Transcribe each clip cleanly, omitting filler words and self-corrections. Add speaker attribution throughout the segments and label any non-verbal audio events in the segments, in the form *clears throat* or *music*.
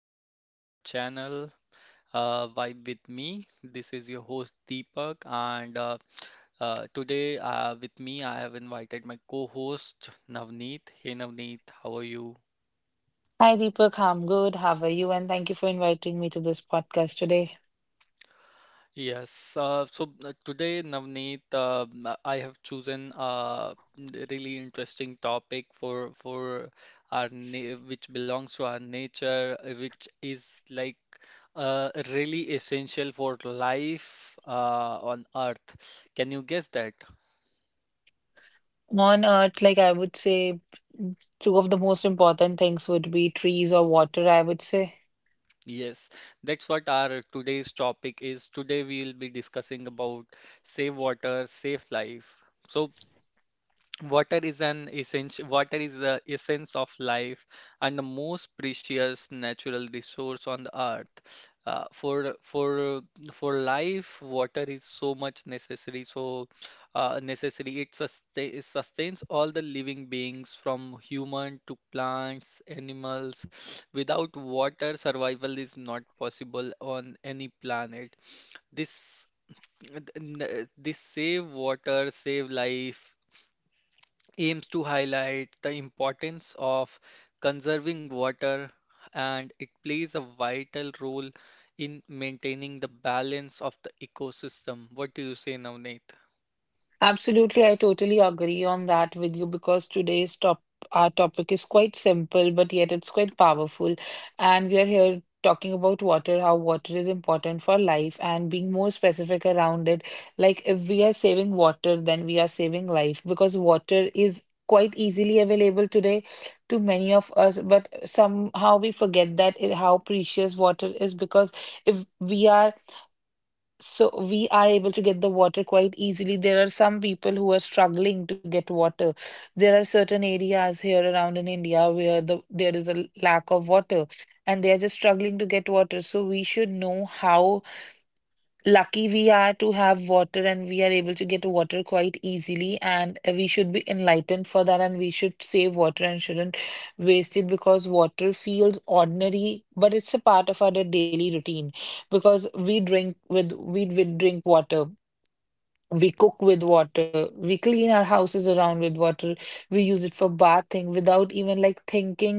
Speaker 1: welcome to our channel. Vibe with me. This is your host Deepak, and today, with me I have invited my co-host Navneet. Hey Navneet, how are you?
Speaker 2: Hi Deepak, I'm good. How are you? And thank you for inviting me to this podcast today.
Speaker 1: Yes, today, Navneet, I have chosen a really interesting topic for our na which belongs to our nature, which is like really essential for life on Earth. Can you guess that?
Speaker 2: On Earth, like I would say, two of the most important things would be trees or water, I would say.
Speaker 1: Yes, that's what our today's topic is. Today we'll be discussing about save water, save life. So water is an essential, water is the essence of life and the most precious natural resource on the earth. For life, water is so much necessary. So necessary it, sustain, it sustains all the living beings from human to plants, animals. Without water, survival is not possible on any planet. This this save water, save life aims to highlight the importance of conserving water, and it plays a vital role in maintaining the balance of the ecosystem. What do you say, Navneet?
Speaker 2: Absolutely, I totally agree on that with you because today's top our topic is quite simple, but yet it's quite powerful. And we are here talking about water, how water is important for life, and being more specific around it. Like if we are saving water, then we are saving life because water is quite easily available today to many of us, but somehow we forget that it, how precious water is. Because if we are, so we are able to get the water quite easily. There are some people who are struggling to get water. There are certain areas here around in India where there is a lack of water and they are just struggling to get water. So we should know how lucky we are to have water and we are able to get water quite easily, and we should be enlightened for that and we should save water and shouldn't waste it, because water feels ordinary but it's a part of our daily routine because we drink water, we cook with water. We clean our houses around with water. We use it for bathing without even like thinking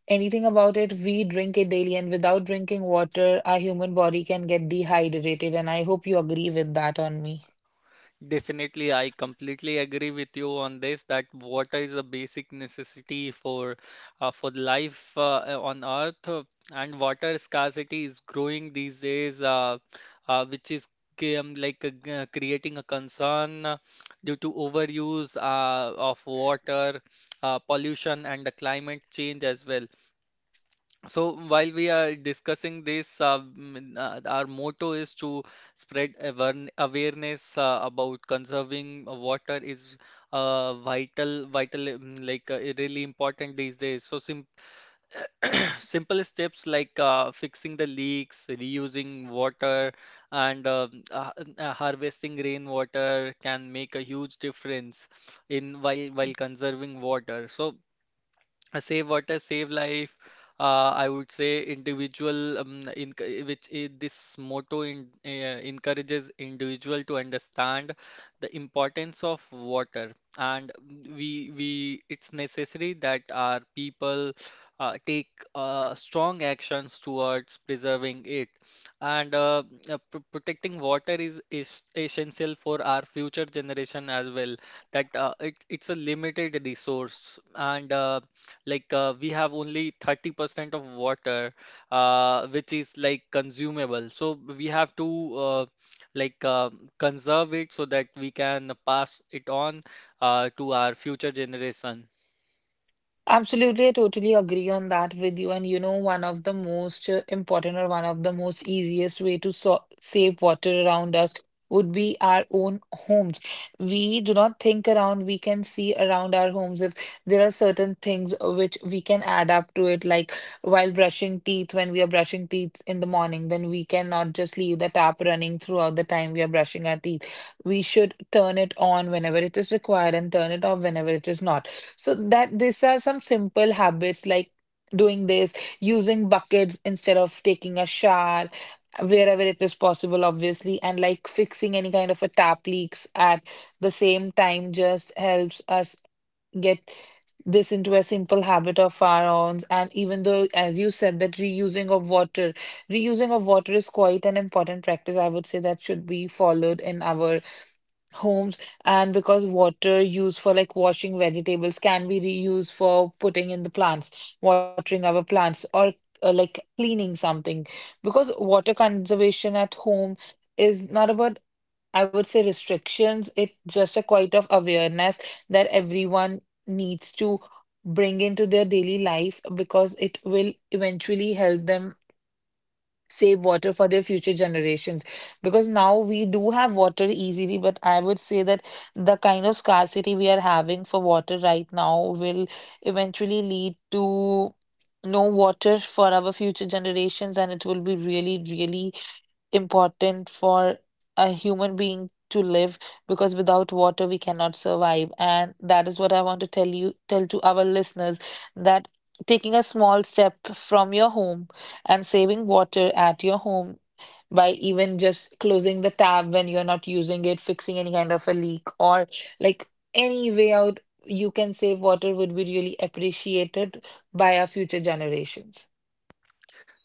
Speaker 2: anything about it. We drink it daily, and without drinking water, our human body can get dehydrated. And I hope you agree with that on me.
Speaker 1: Definitely, I completely agree with you on this that water is a basic necessity for life on Earth, and water scarcity is growing these days, which is like creating a concern due to overuse of water, pollution, and the climate change as well. So while we are discussing this, our motto is to spread awareness. About conserving water is like really important these days. So sim *coughs* *clears throat* simple steps like fixing the leaks, reusing water, and harvesting rainwater can make a huge difference in while conserving water. So save water save life, I would say individual which I this motto encourages individual to understand the importance of water, and we we it's necessary that our people take strong actions towards preserving it, and pr protecting water is essential for our future generation as well, that it's a limited resource, and we have only 30% of water, which is like consumable. So we have to like uh, conserve it so that we can pass it on to our future generation.
Speaker 2: Absolutely, I totally agree on that with you. And you know, one of the most important or one of the most easiest way to save water around us would be our own homes. We do not think around, we can see around our homes if there are certain things which we can add up to it, like while brushing teeth, when we are brushing teeth in the morning, then we cannot just leave the tap running throughout the time we are brushing our teeth. We should turn it on whenever it is required and turn it off whenever it is not, so that these are some simple habits like doing this, using buckets instead of taking a shower wherever it is possible, obviously, and like fixing any kind of a tap leaks at the same time just helps us get this into a simple habit of our own. And even though, as you said, that reusing of water is quite an important practice, I would say that should be followed in our homes. And because water used for like washing vegetables can be reused for putting in the plants, watering our plants, or like cleaning something, because water conservation at home is not about, I would say, restrictions. It's just a quite of awareness that everyone needs to bring into their daily life, because it will eventually help them save water for their future generations. Because now we do have water easily, but I would say that the kind of scarcity we are having for water right now will eventually lead to no water for our future generations, and it will be really, really important for a human being to live, because without water we cannot survive. And that is what I want to tell to our listeners, that taking a small step from your home and saving water at your home by even just closing the tab when you're not using it, fixing any kind of a leak, or like any way out you can save water, would be really appreciated by our future generations.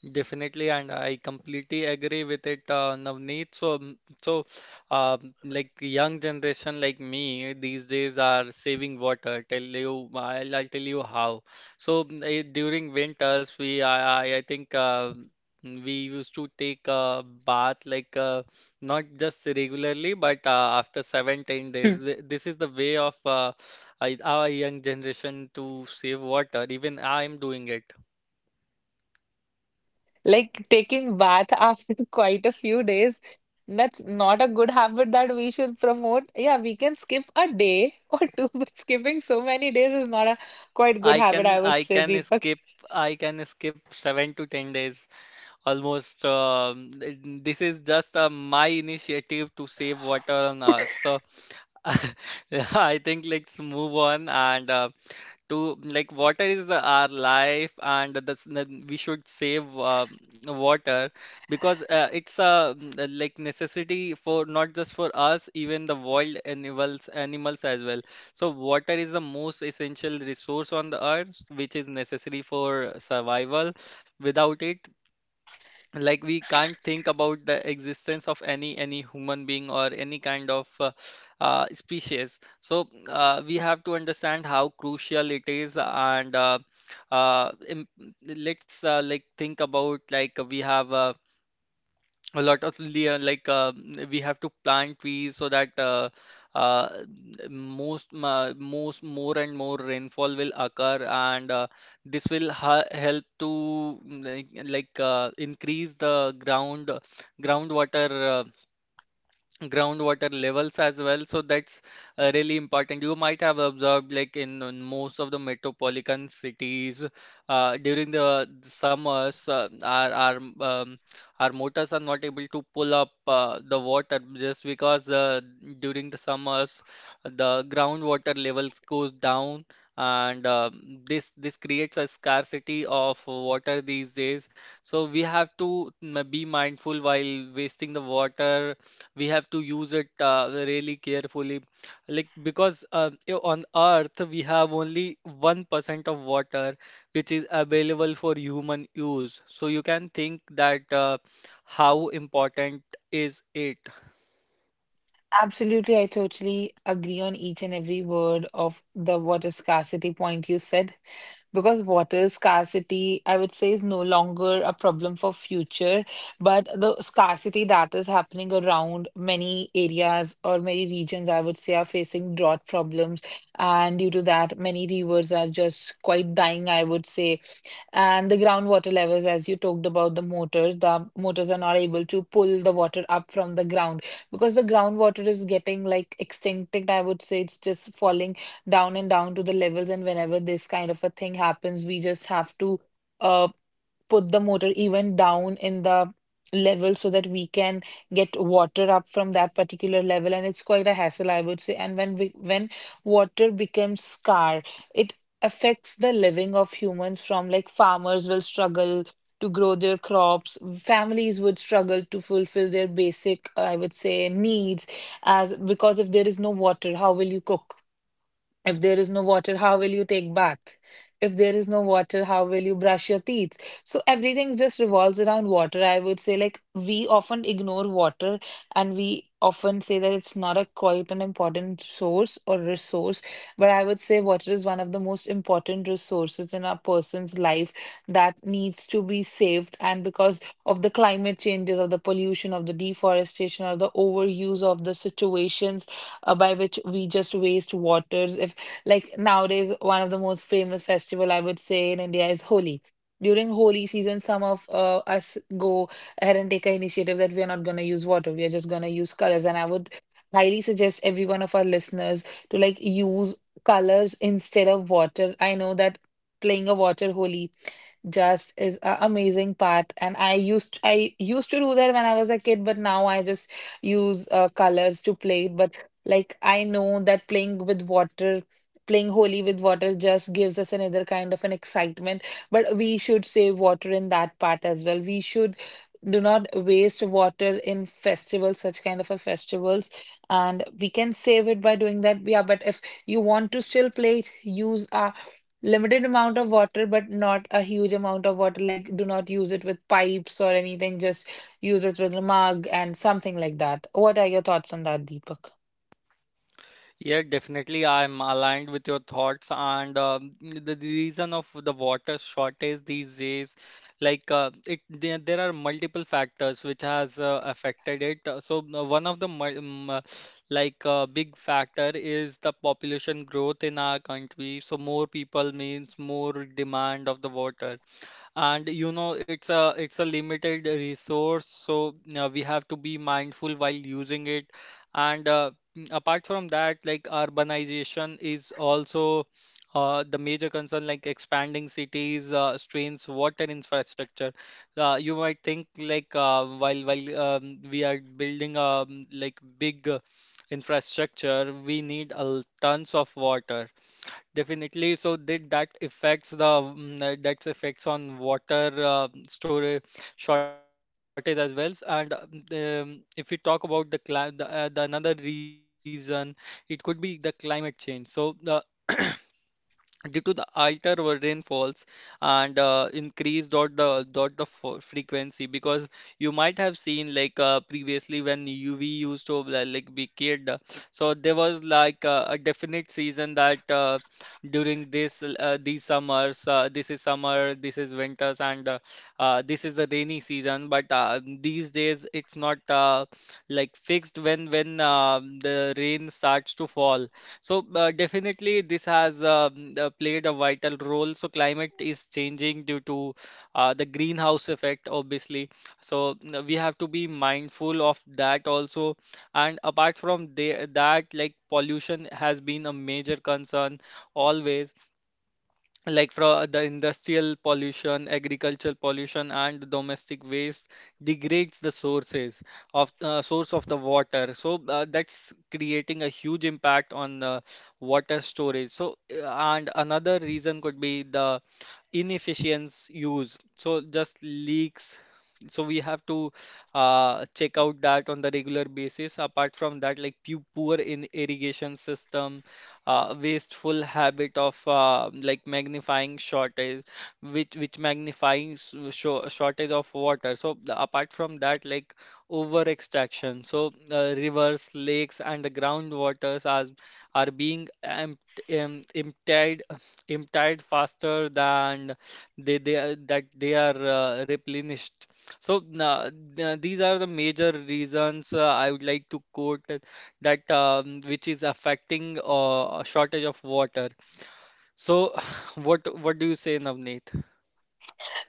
Speaker 1: Definitely, and I completely agree with it, Navneet. So uh, like young generation like me these days are saving water. Tell you, I'll tell you how. So during winters, I think we used to take a bath like not just regularly, but after seven, 10 days. This is the way of our young generation to save water. Even I'm doing it.
Speaker 2: Like taking bath after *laughs* quite a few days, that's not a good habit that we should promote. Yeah, we can skip a day or two, *laughs* but skipping so many days is not a quite good
Speaker 1: I
Speaker 2: habit,
Speaker 1: can
Speaker 2: I would
Speaker 1: I
Speaker 2: say,
Speaker 1: can
Speaker 2: Deepak.
Speaker 1: skip I can skip 7 to 10 days almost. This is just my initiative to save water on Earth. So *laughs* I think let's move on. And to Like water is our life, and this we should save water because like necessity for not just for us, even the wild animals as well. So water is the most essential resource on the earth, which is necessary for survival. Without it, like we can't think about the existence of any human being or any kind of species. So we have to understand how crucial it is, and uh, im- let's like think about, like we have a lot of like we have to plant trees so that uh, most more and more rainfall will occur, and this will ha help to increase the groundwater uh, groundwater levels as well. So that's really important. You might have observed, like in most of the metropolitan cities, during the summers, um, our motors are not able to pull up the water just because during the summers the groundwater levels goes down. And this this creates a scarcity of water these days. So we have to be mindful while wasting the water. We have to use it really carefully, like because on earth we have only 1% of water which is available for human use, so you can think that how important is it.
Speaker 2: Absolutely, I totally agree on each and every word of the water scarcity point you said. Because water scarcity, I would say, is no longer a problem for future, but the scarcity that is happening around many areas or many regions, I would say, are facing drought problems. And due to that, many rivers are just quite dying, I would say. And the groundwater levels, as you talked about the motors are not able to pull the water up from the ground because the groundwater is getting like extincted. I would say it's just falling down and down to the levels. And whenever this kind of a thing happens, we just have to, uh put the motor even down in the level so that we can get water up from that particular level. And it's quite a hassle, I would say. And when water becomes scarce, it affects the living of humans. From like farmers will struggle to grow their crops, families would struggle to fulfill their basic, I would say, needs, as because if there is no water, how will you cook? If there is no water, how will you take bath? If there is no water, how will you brush your teeth? So everything just revolves around water. I would say, like, we often ignore water and we often say that it's not a quite an important source or resource. But I would say water is one of the most important resources in a person's life that needs to be saved. And because of the climate changes, of the pollution, of the deforestation, or the overuse of the situations by which we just waste waters. If like nowadays, one of the most famous festival, I would say, in India is Holi. During Holi season, some of us go ahead and take an initiative that we are not going to use water. We are just going to use colors. And I would highly suggest every one of our listeners to like use colors instead of water. I know that playing a water Holi just is an amazing part, and I used to do that when I was a kid, but now I just use colors to play. But like I know that playing holy with water just gives us another kind of an excitement, but we should save water in that part as well. We should do not waste water in festivals, such kind of a festivals, and we can save it by doing that. Yeah, but if you want to still play it, use a limited amount of water, but not a huge amount of water. Like, do not use it with pipes or anything, just use it with a mug and something like that. What are your thoughts on that, Deepak?
Speaker 1: Yeah, definitely. I'm aligned with your thoughts. And the reason of the water shortage these days, there are multiple factors which has affected it. One of the big factor is the population growth in our country. So more people means more demand of the water, and you know it's a limited resource, so we have to be mindful while using it, and apart from that, like urbanization is also the major concern. Like expanding cities strains water infrastructure. You might think, like while we are building like big infrastructure, we need tons of water. Definitely. So did that affects the that's effects on water storage shortage as well? And if you talk about the climate, the another reason, it could be the climate change. So the *clears throat* due to the alter rainfalls and increase dot the frequency, because you might have seen like previously when UV used to like be kid, so there was like a definite season that during this these summers, this is summer, this is winters, and this is the rainy season, but these days it's not like fixed when the rain starts to fall. So definitely this has played a vital role. So climate is changing due to the greenhouse effect, obviously. So we have to be mindful of that also. And apart from that, like pollution has been a major concern always, like from the industrial pollution, agricultural pollution, and domestic waste degrades the sources of source of the water. So that's creating a huge impact on water storage. So and another reason could be the inefficient use. So just leaks. So we have to check out that on the regular basis. Apart from that, like poor in irrigation system, wasteful habit of like magnifying shortage, which shortage of water. So apart from that, like over extraction. So rivers, lakes, and the groundwaters are being empt em- emptied emptied faster than that they are replenished. So these are the major reasons I would like to quote that which is affecting a shortage of water. So, *laughs* *sighs* what do you say, Navneet?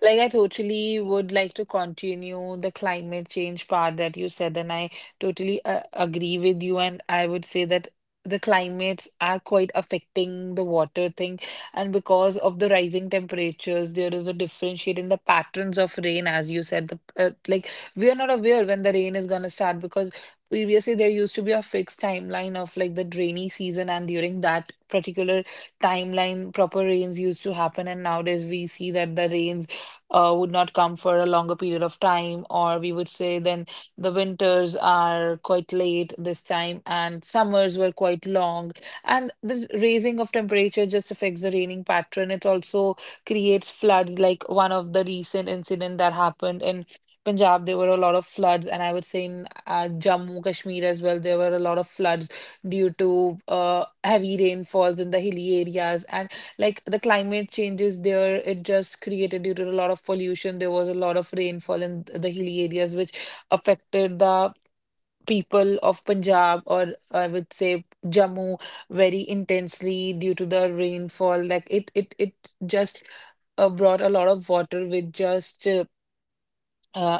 Speaker 2: Like, I totally would like to continue the climate change part that you said, and I totally agree with you. And I would say that the climates are quite affecting the water thing. And because of the rising temperatures, there is a differentiate in the patterns of rain, as you said. Uh, like, we are not aware when the rain is going to start, because previously there used to be a fixed timeline of like the rainy season, and during that particular timeline proper rains used to happen, and nowadays we see that the rains would not come for a longer period of time, or we would say then the winters are quite late this time and summers were quite long. And the raising of temperature just affects the raining pattern. It also creates flood, like one of the recent incident that happened in Punjab, there were a lot of floods, and I would say in Jammu, Kashmir as well, there were a lot of floods due to heavy rainfalls in the hilly areas. And like the climate changes there, it just created due to a lot of pollution. There was a lot of rainfall in the hilly areas, which affected the people of Punjab, or I would say Jammu, very intensely due to the rainfall. Like it just brought a lot of water with just, uh,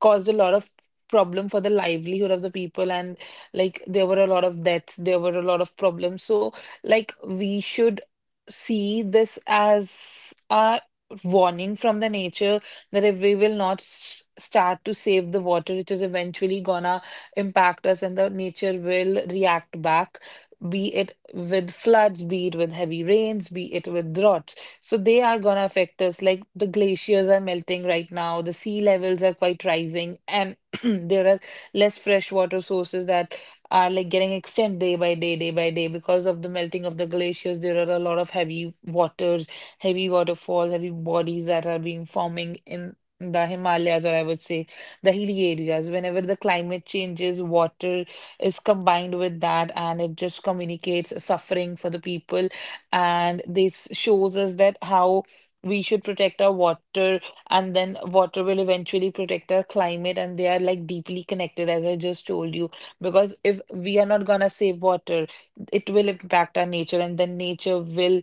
Speaker 2: caused a lot of problem for the livelihood of the people. And like there were a lot of deaths, there were a lot of problems. So like we should see this as a warning from the nature, that if we will not start to save the water, it is eventually gonna impact us and the nature will react back, be it with floods, be it with heavy rains, be it with droughts, so they are going to affect us. Like the glaciers are melting right now, the sea levels are quite rising, and *clears throat* there are less freshwater sources that are like getting extended day by day because of the melting of the glaciers. There are a lot of heavy waters, heavy waterfall, heavy bodies that are being forming in the Himalayas, or I would say the hilly areas. Whenever the climate changes, water is combined with that, and it just communicates suffering for the people, and this shows us that how we should protect our water, and then water will eventually protect our climate, and they are like deeply connected as I just told you. Because if we are not gonna save water, it will impact our nature, and then nature will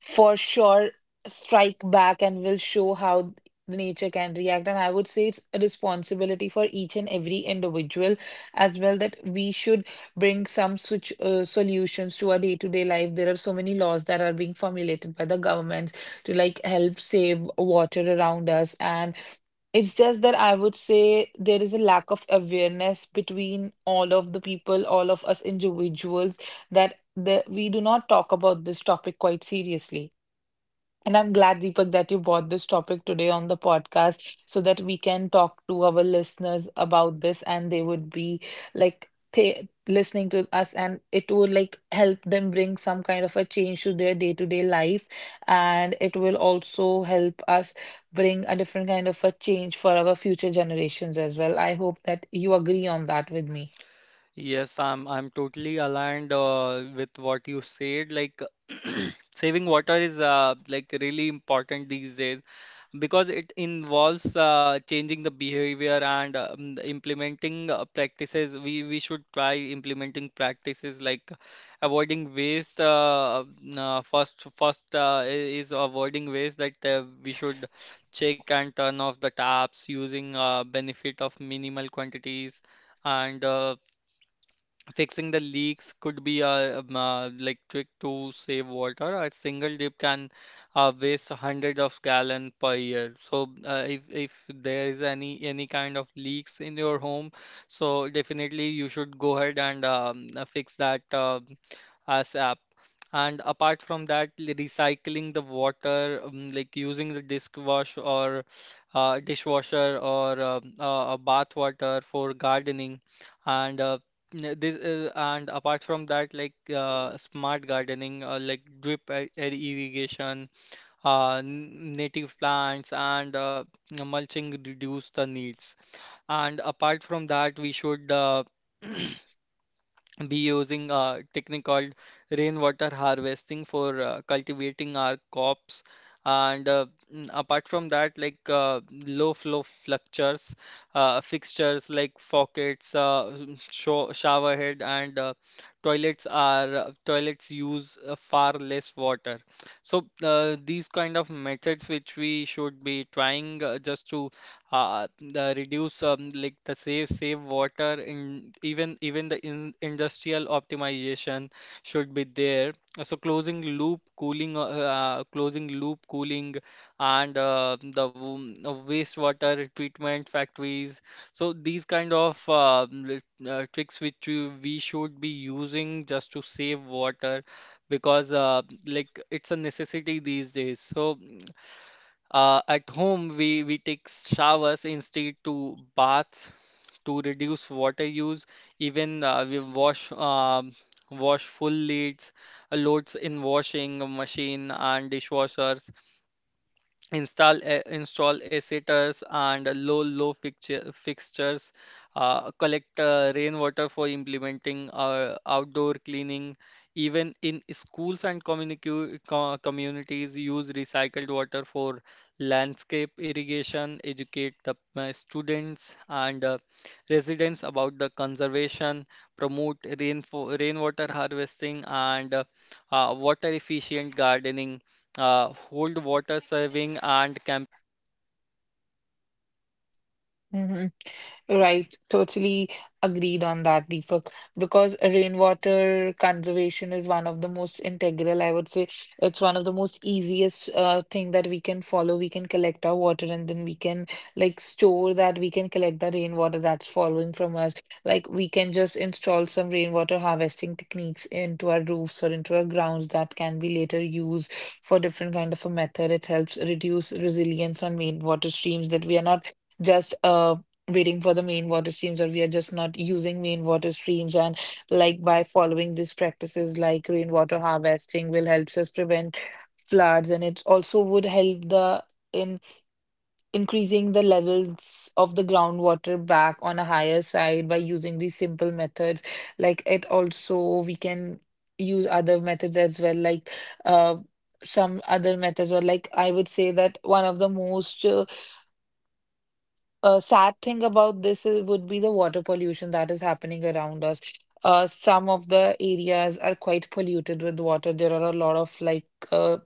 Speaker 2: for sure strike back and will show how the nature can react. And I would say it's a responsibility for each and every individual as well that we should bring some switch solutions to our day-to-day life. There are so many laws that are being formulated by the governments to like help save water around us. And it's just that I would say there is a lack of awareness between all of the people, all of us individuals, that we do not talk about this topic quite seriously. And I'm glad, Deepak, that you brought this topic today on the podcast so that we can talk to our listeners about this, and they would be like th listening to us, and it would like help them bring some kind of a change to their day-to-day life. And it will also help us bring a different kind of a change for our future generations as well. I hope that you agree on that with me.
Speaker 1: Yes, I'm totally aligned with what you said. Like *clears throat* saving water is like really important these days, because it involves changing the behavior and the implementing practices. We should try implementing practices like avoiding waste. Uh, first first uh, i- is avoiding waste, that we should check and turn off the taps using benefit of minimal quantities, and fixing the leaks could be a, like trick to save water. A single dip can waste hundreds of gallon per year. So if there is any kind of leaks in your home, so definitely you should go ahead and fix that ASAP. And apart from that, recycling the water, like using the disk wash or dishwasher or a bath water for gardening. And yeah, this is, and apart from that, like smart gardening, like drip irrigation, native plants, and mulching reduce the needs. And apart from that, we should *clears throat* be using a technique called rainwater harvesting for cultivating our crops, and apart from that, like low flow fluctures, fixtures like faucets, shower head, and toilets are toilets use far less water. So these kind of methods which we should be trying just to the reduce like the save water in industrial optimization should be there. So closing loop cooling, and wastewater treatment factories. So these kind of tricks which we should be using just to save water, because like it's a necessity these days. At home, we take showers instead to baths to reduce water use. Even we wash wash full leads, loads in washing machine and dishwashers install a, install a sitters and low fixtures, collect rainwater for implementing outdoor cleaning, even in schools and communities use recycled water for landscape irrigation, educate the students and residents about the conservation, promote rainwater harvesting and water efficient gardening, hold water serving and camping.
Speaker 2: Mhm. Right, totally agreed on that, Deepak, because rainwater conservation is one of the most integral, I would say. It's one of the most easiest thing that we can follow. We can collect our water, and then we can like store that. We can collect the rainwater that's falling from us. Like we can just install some rainwater harvesting techniques into our roofs or into our grounds that can be later used for different kind of a method. It helps reduce resilience on main water streams that we are not just waiting for the main water streams, or we are just not using main water streams. And like by following these practices like rainwater harvesting will helps us prevent floods, and it also would help the in increasing the levels of the groundwater back on a higher side by using these simple methods. Like it also we can use other methods as well, like uh some other methods. Or like I would say that one of the most a sad thing about this is, would be the water pollution that is happening around us. Some of the areas are quite polluted with water. There are a lot of like uh,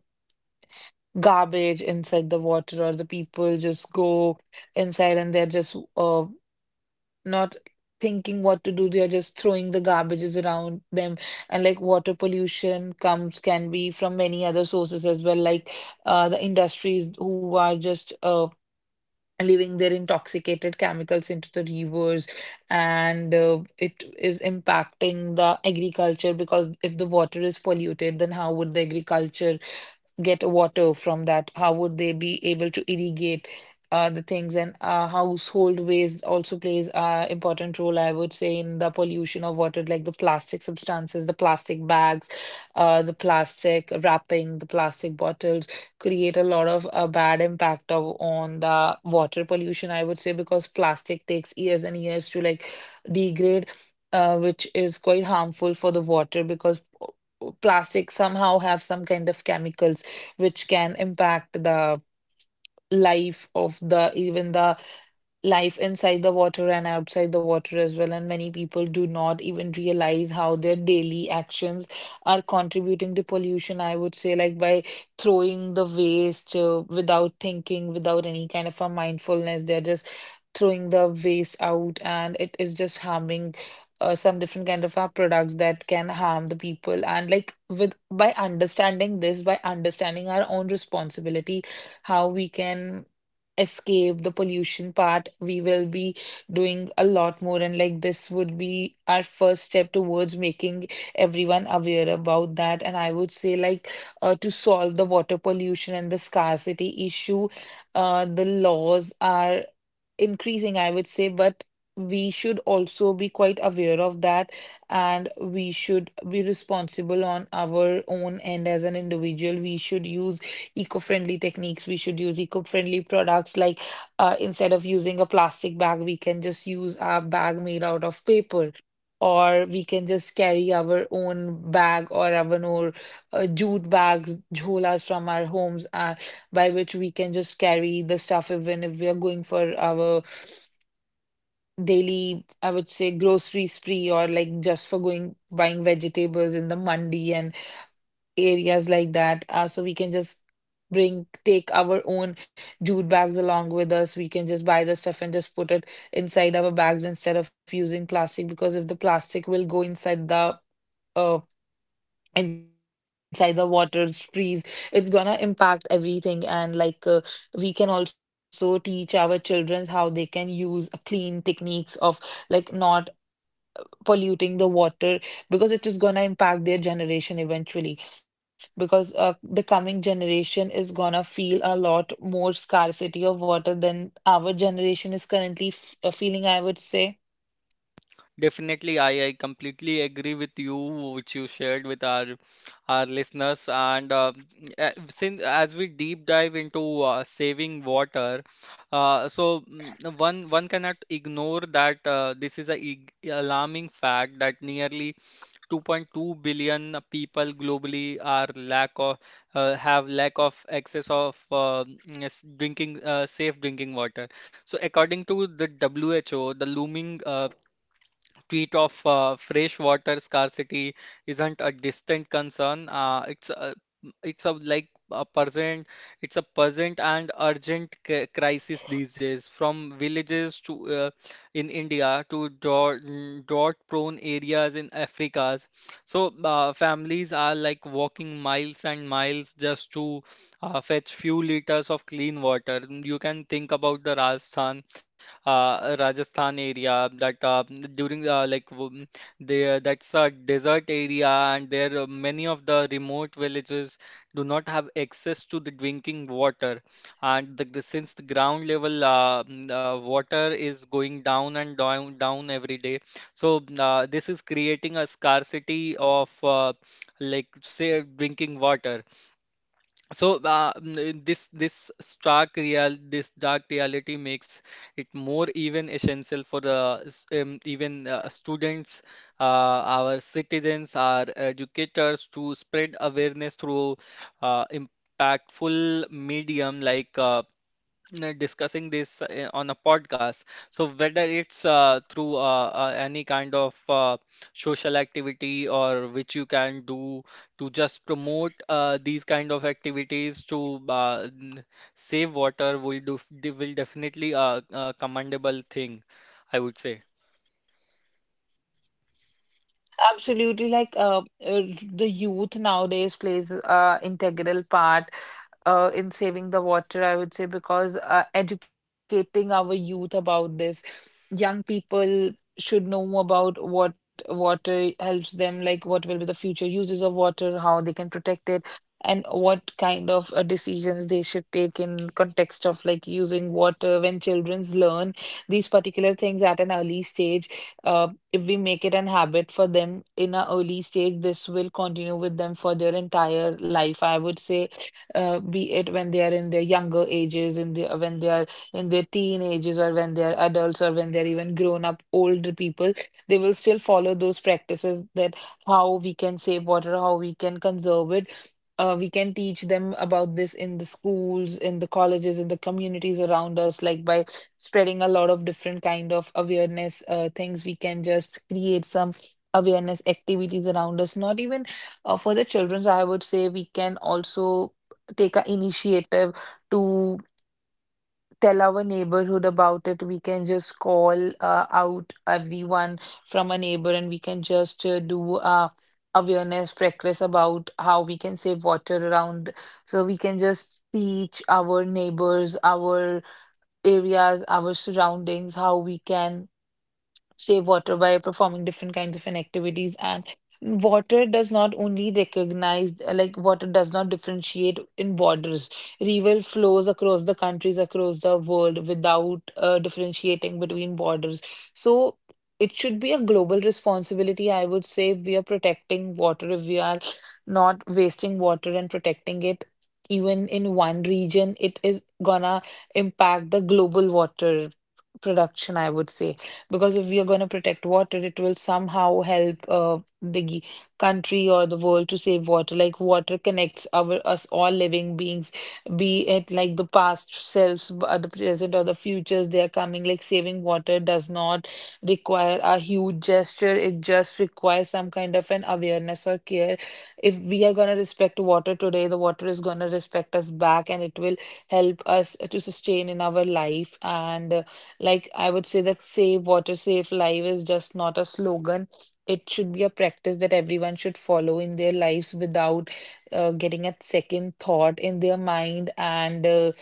Speaker 2: garbage inside the water, or the people just go inside and they're just not thinking what to do. They are just throwing the garbages around them. And like water pollution comes can be from many other sources as well, like the industries who are just leaving their intoxicated chemicals into the rivers. And it is impacting the agriculture, because if the water is polluted, then how would the agriculture get water from that? How would they be able to irrigate the things? And household waste also plays an important role, I would say, in the pollution of water, like the plastic substances, the plastic bags, the plastic wrapping, the plastic bottles create a lot of bad impact of on the water pollution, I would say, because plastic takes years and years to like degrade. Which is quite harmful for the water, because plastic somehow have some kind of chemicals which can impact the life of the even the life inside the water and outside the water as well. And many people do not even realize how their daily actions are contributing to pollution. I would say, like by throwing the waste without thinking, without any kind of a mindfulness, they're just throwing the waste out, and it is just harming. Some different kind of products that can harm the people. And like with by understanding this, by understanding our own responsibility, how we can escape the pollution part, we will be doing a lot more. And like this would be our first step towards making everyone aware about that. And I would say, like, to solve the water pollution and the scarcity issue, the laws are increasing, I would say, but we should also be quite aware of that, and we should be responsible on our own end as an individual. We should use eco-friendly techniques. We should use eco-friendly products, like instead of using a plastic bag, we can just use a bag made out of paper. Or we can just carry our own bag or our own jute bags, jholas from our homes. By which we can just carry the stuff even if we are going for our daily, I would say, grocery spree, or like just for going buying vegetables in the mandi and areas like that. So we can just bring take our own jute bags along with us. We can just buy the stuff and just put it inside our bags instead of using plastic, because if the plastic will go uh, inside the waters trees, it's gonna impact everything. And like we can also teach our children how they can use a clean techniques of like not polluting the water, because it is gonna impact their generation eventually, because the coming generation is gonna feel a lot more scarcity of water than our generation is currently feeling, I would say.
Speaker 1: Definitely, I completely agree with you, which you shared with our listeners. And Since as we deep dive into saving water, one cannot ignore that this is a ig- alarming fact that nearly 2.2 billion people globally are lack of have lack of access of yes, drinking safe drinking water. So according to the WHO, the looming tweet of fresh water scarcity isn't a distant concern. It's a like a it's a present and urgent c crisis these days. From villages to in India to drought-prone areas in Africa. Families are like walking miles and miles just to fetch few liters of clean water. You can think about the Rajasthan area that during there that's a desert area and there many of the remote villages do not have access to the drinking water and since the ground level water is going down and down every day, so this is creating a scarcity of like say drinking water so this stark real this dark reality makes it more even essential for even students, our citizens, our educators to spread awareness through impactful medium like discussing this on a podcast. So whether it's through any kind of social activity or which you can do to just promote these kind of activities to save water will will definitely a commendable thing, I would say.
Speaker 2: Absolutely, like uh, the youth nowadays plays integral part in saving the water, I would say, because educating our youth about this, young people should know about what water helps them, like what will be the future uses of water, how they can protect it, and what kind of decisions they should take in context of like using water. When childrens learn these particular things at an early stage, uh, if we make it an habit for them in an early stage, this will continue with them for their entire life. I would say, be it when they are in their younger ages, in the when they are in their teenagers, or when they're adults, or when they're even grown up older people, they will still follow those practices that how we can save water, how we can conserve it. We can teach them about this in the schools, in the colleges, in the communities around us, like by spreading a lot of different kind of awareness things. We can just create some awareness activities around us. Not even for the children's, I would say we can also take an initiative to tell our neighborhood about it. We can just call out everyone from a neighbor, and we can just do awareness practice about how we can save water around. So we can just teach our neighbors, our areas, our surroundings, how we can save water by performing different kinds of activities. And water does not only recognize like water does not differentiate in borders. River flows across the countries, across the world, without differentiating between borders. So it should be a global responsibility, I would say. If we are protecting water, if we are not wasting water and protecting it even in one region, it is gonna impact the global water production, I would say, because if we are going to protect water, it will somehow help the country or the world to save water. Like water connects our us all living beings, be it like the past selves, the present, or the futures. They are coming. Like saving water does not require a huge gesture. It just requires some kind of an awareness or care. If we are going to respect water today, the water is going to respect us back, and it will help us to sustain in our life. And like I would say that save water, save life is just not a slogan. It should be a practice that everyone should follow in their lives without getting a second thought in their mind. And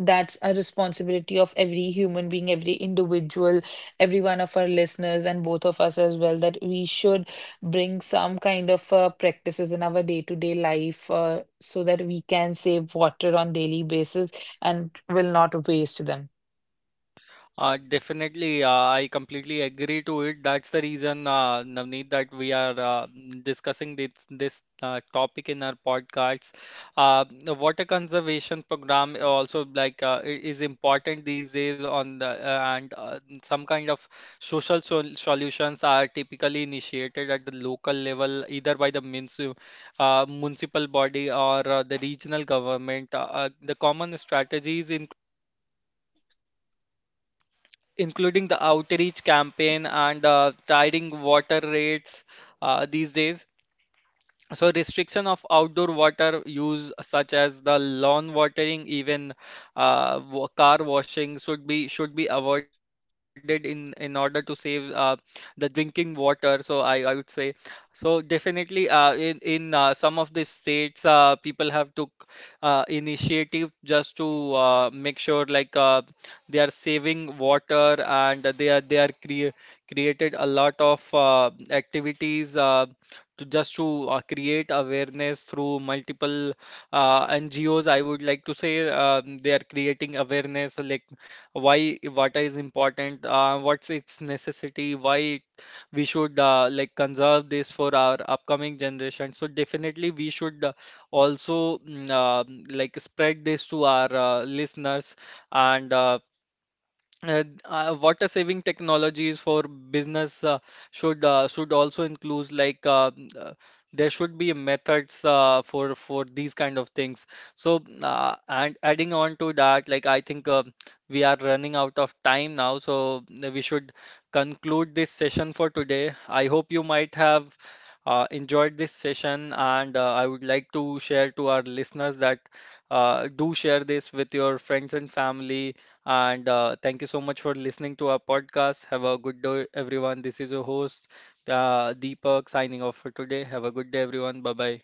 Speaker 2: that's a responsibility of every human being, every individual, every one of our listeners, and both of us as well, that we should bring some kind of practices in our day-to-day life so that we can save water on daily basis and will not waste them.
Speaker 1: Definitely, I completely agree to it. That's the reason, Navneet, that we are discussing this topic in our podcasts. The water conservation program also like is important these days on the and some kind of social sol solutions are typically initiated at the local level, either by the munci municipal body or the regional government. The common strategies including the outreach campaign and tiring water rates these days. So restriction of outdoor water use such as the lawn watering, even car washing should be avoided in order to save the drinking water. So I would say, so definitely in some of the states people have took initiative just to make sure like they are saving water and they are created a lot of activities. To create awareness through multiple NGOs. I would like to say they are creating awareness like why water is important, what's its necessity, why it we should like conserve this for our upcoming generation. So definitely we should also mm, uh, like spread this to our listeners, and water saving technologies for business should also include there should be methods for these kind of things.
Speaker 2: Yes,
Speaker 1: So
Speaker 2: absolutely. They
Speaker 1: and
Speaker 2: should
Speaker 1: adding on
Speaker 2: like
Speaker 1: to that,
Speaker 2: do
Speaker 1: like I
Speaker 2: the
Speaker 1: think
Speaker 2: certain things.
Speaker 1: we are
Speaker 2: Like I
Speaker 1: running
Speaker 2: would
Speaker 1: out of
Speaker 2: say,
Speaker 1: time now, so we should
Speaker 2: saving water
Speaker 1: conclude this session for
Speaker 2: just is
Speaker 1: today.
Speaker 2: not a
Speaker 1: I hope you
Speaker 2: one-time
Speaker 1: might
Speaker 2: action, it's a
Speaker 1: have
Speaker 2: lifelong
Speaker 1: enjoyed this
Speaker 2: promise.
Speaker 1: session, and
Speaker 2: And
Speaker 1: I
Speaker 2: I
Speaker 1: would
Speaker 2: would
Speaker 1: like
Speaker 2: say
Speaker 1: to
Speaker 2: that to our
Speaker 1: share to our
Speaker 2: listeners that they
Speaker 1: listeners
Speaker 2: should
Speaker 1: that
Speaker 2: do that as well. So,
Speaker 1: do
Speaker 2: and yeah,
Speaker 1: share this with
Speaker 2: thank you
Speaker 1: your
Speaker 2: for
Speaker 1: friends and
Speaker 2: listening to our
Speaker 1: family,
Speaker 2: podcast.
Speaker 1: and
Speaker 2: Have a
Speaker 1: thank you
Speaker 2: great
Speaker 1: so
Speaker 2: day
Speaker 1: much for
Speaker 2: ahead,
Speaker 1: listening
Speaker 2: people.
Speaker 1: to our
Speaker 2: Take care.
Speaker 1: podcast.
Speaker 2: Bye
Speaker 1: Have a good
Speaker 2: bye.
Speaker 1: day, everyone. This is your host, Deepak, signing off for today. Have a good day, everyone. Bye bye.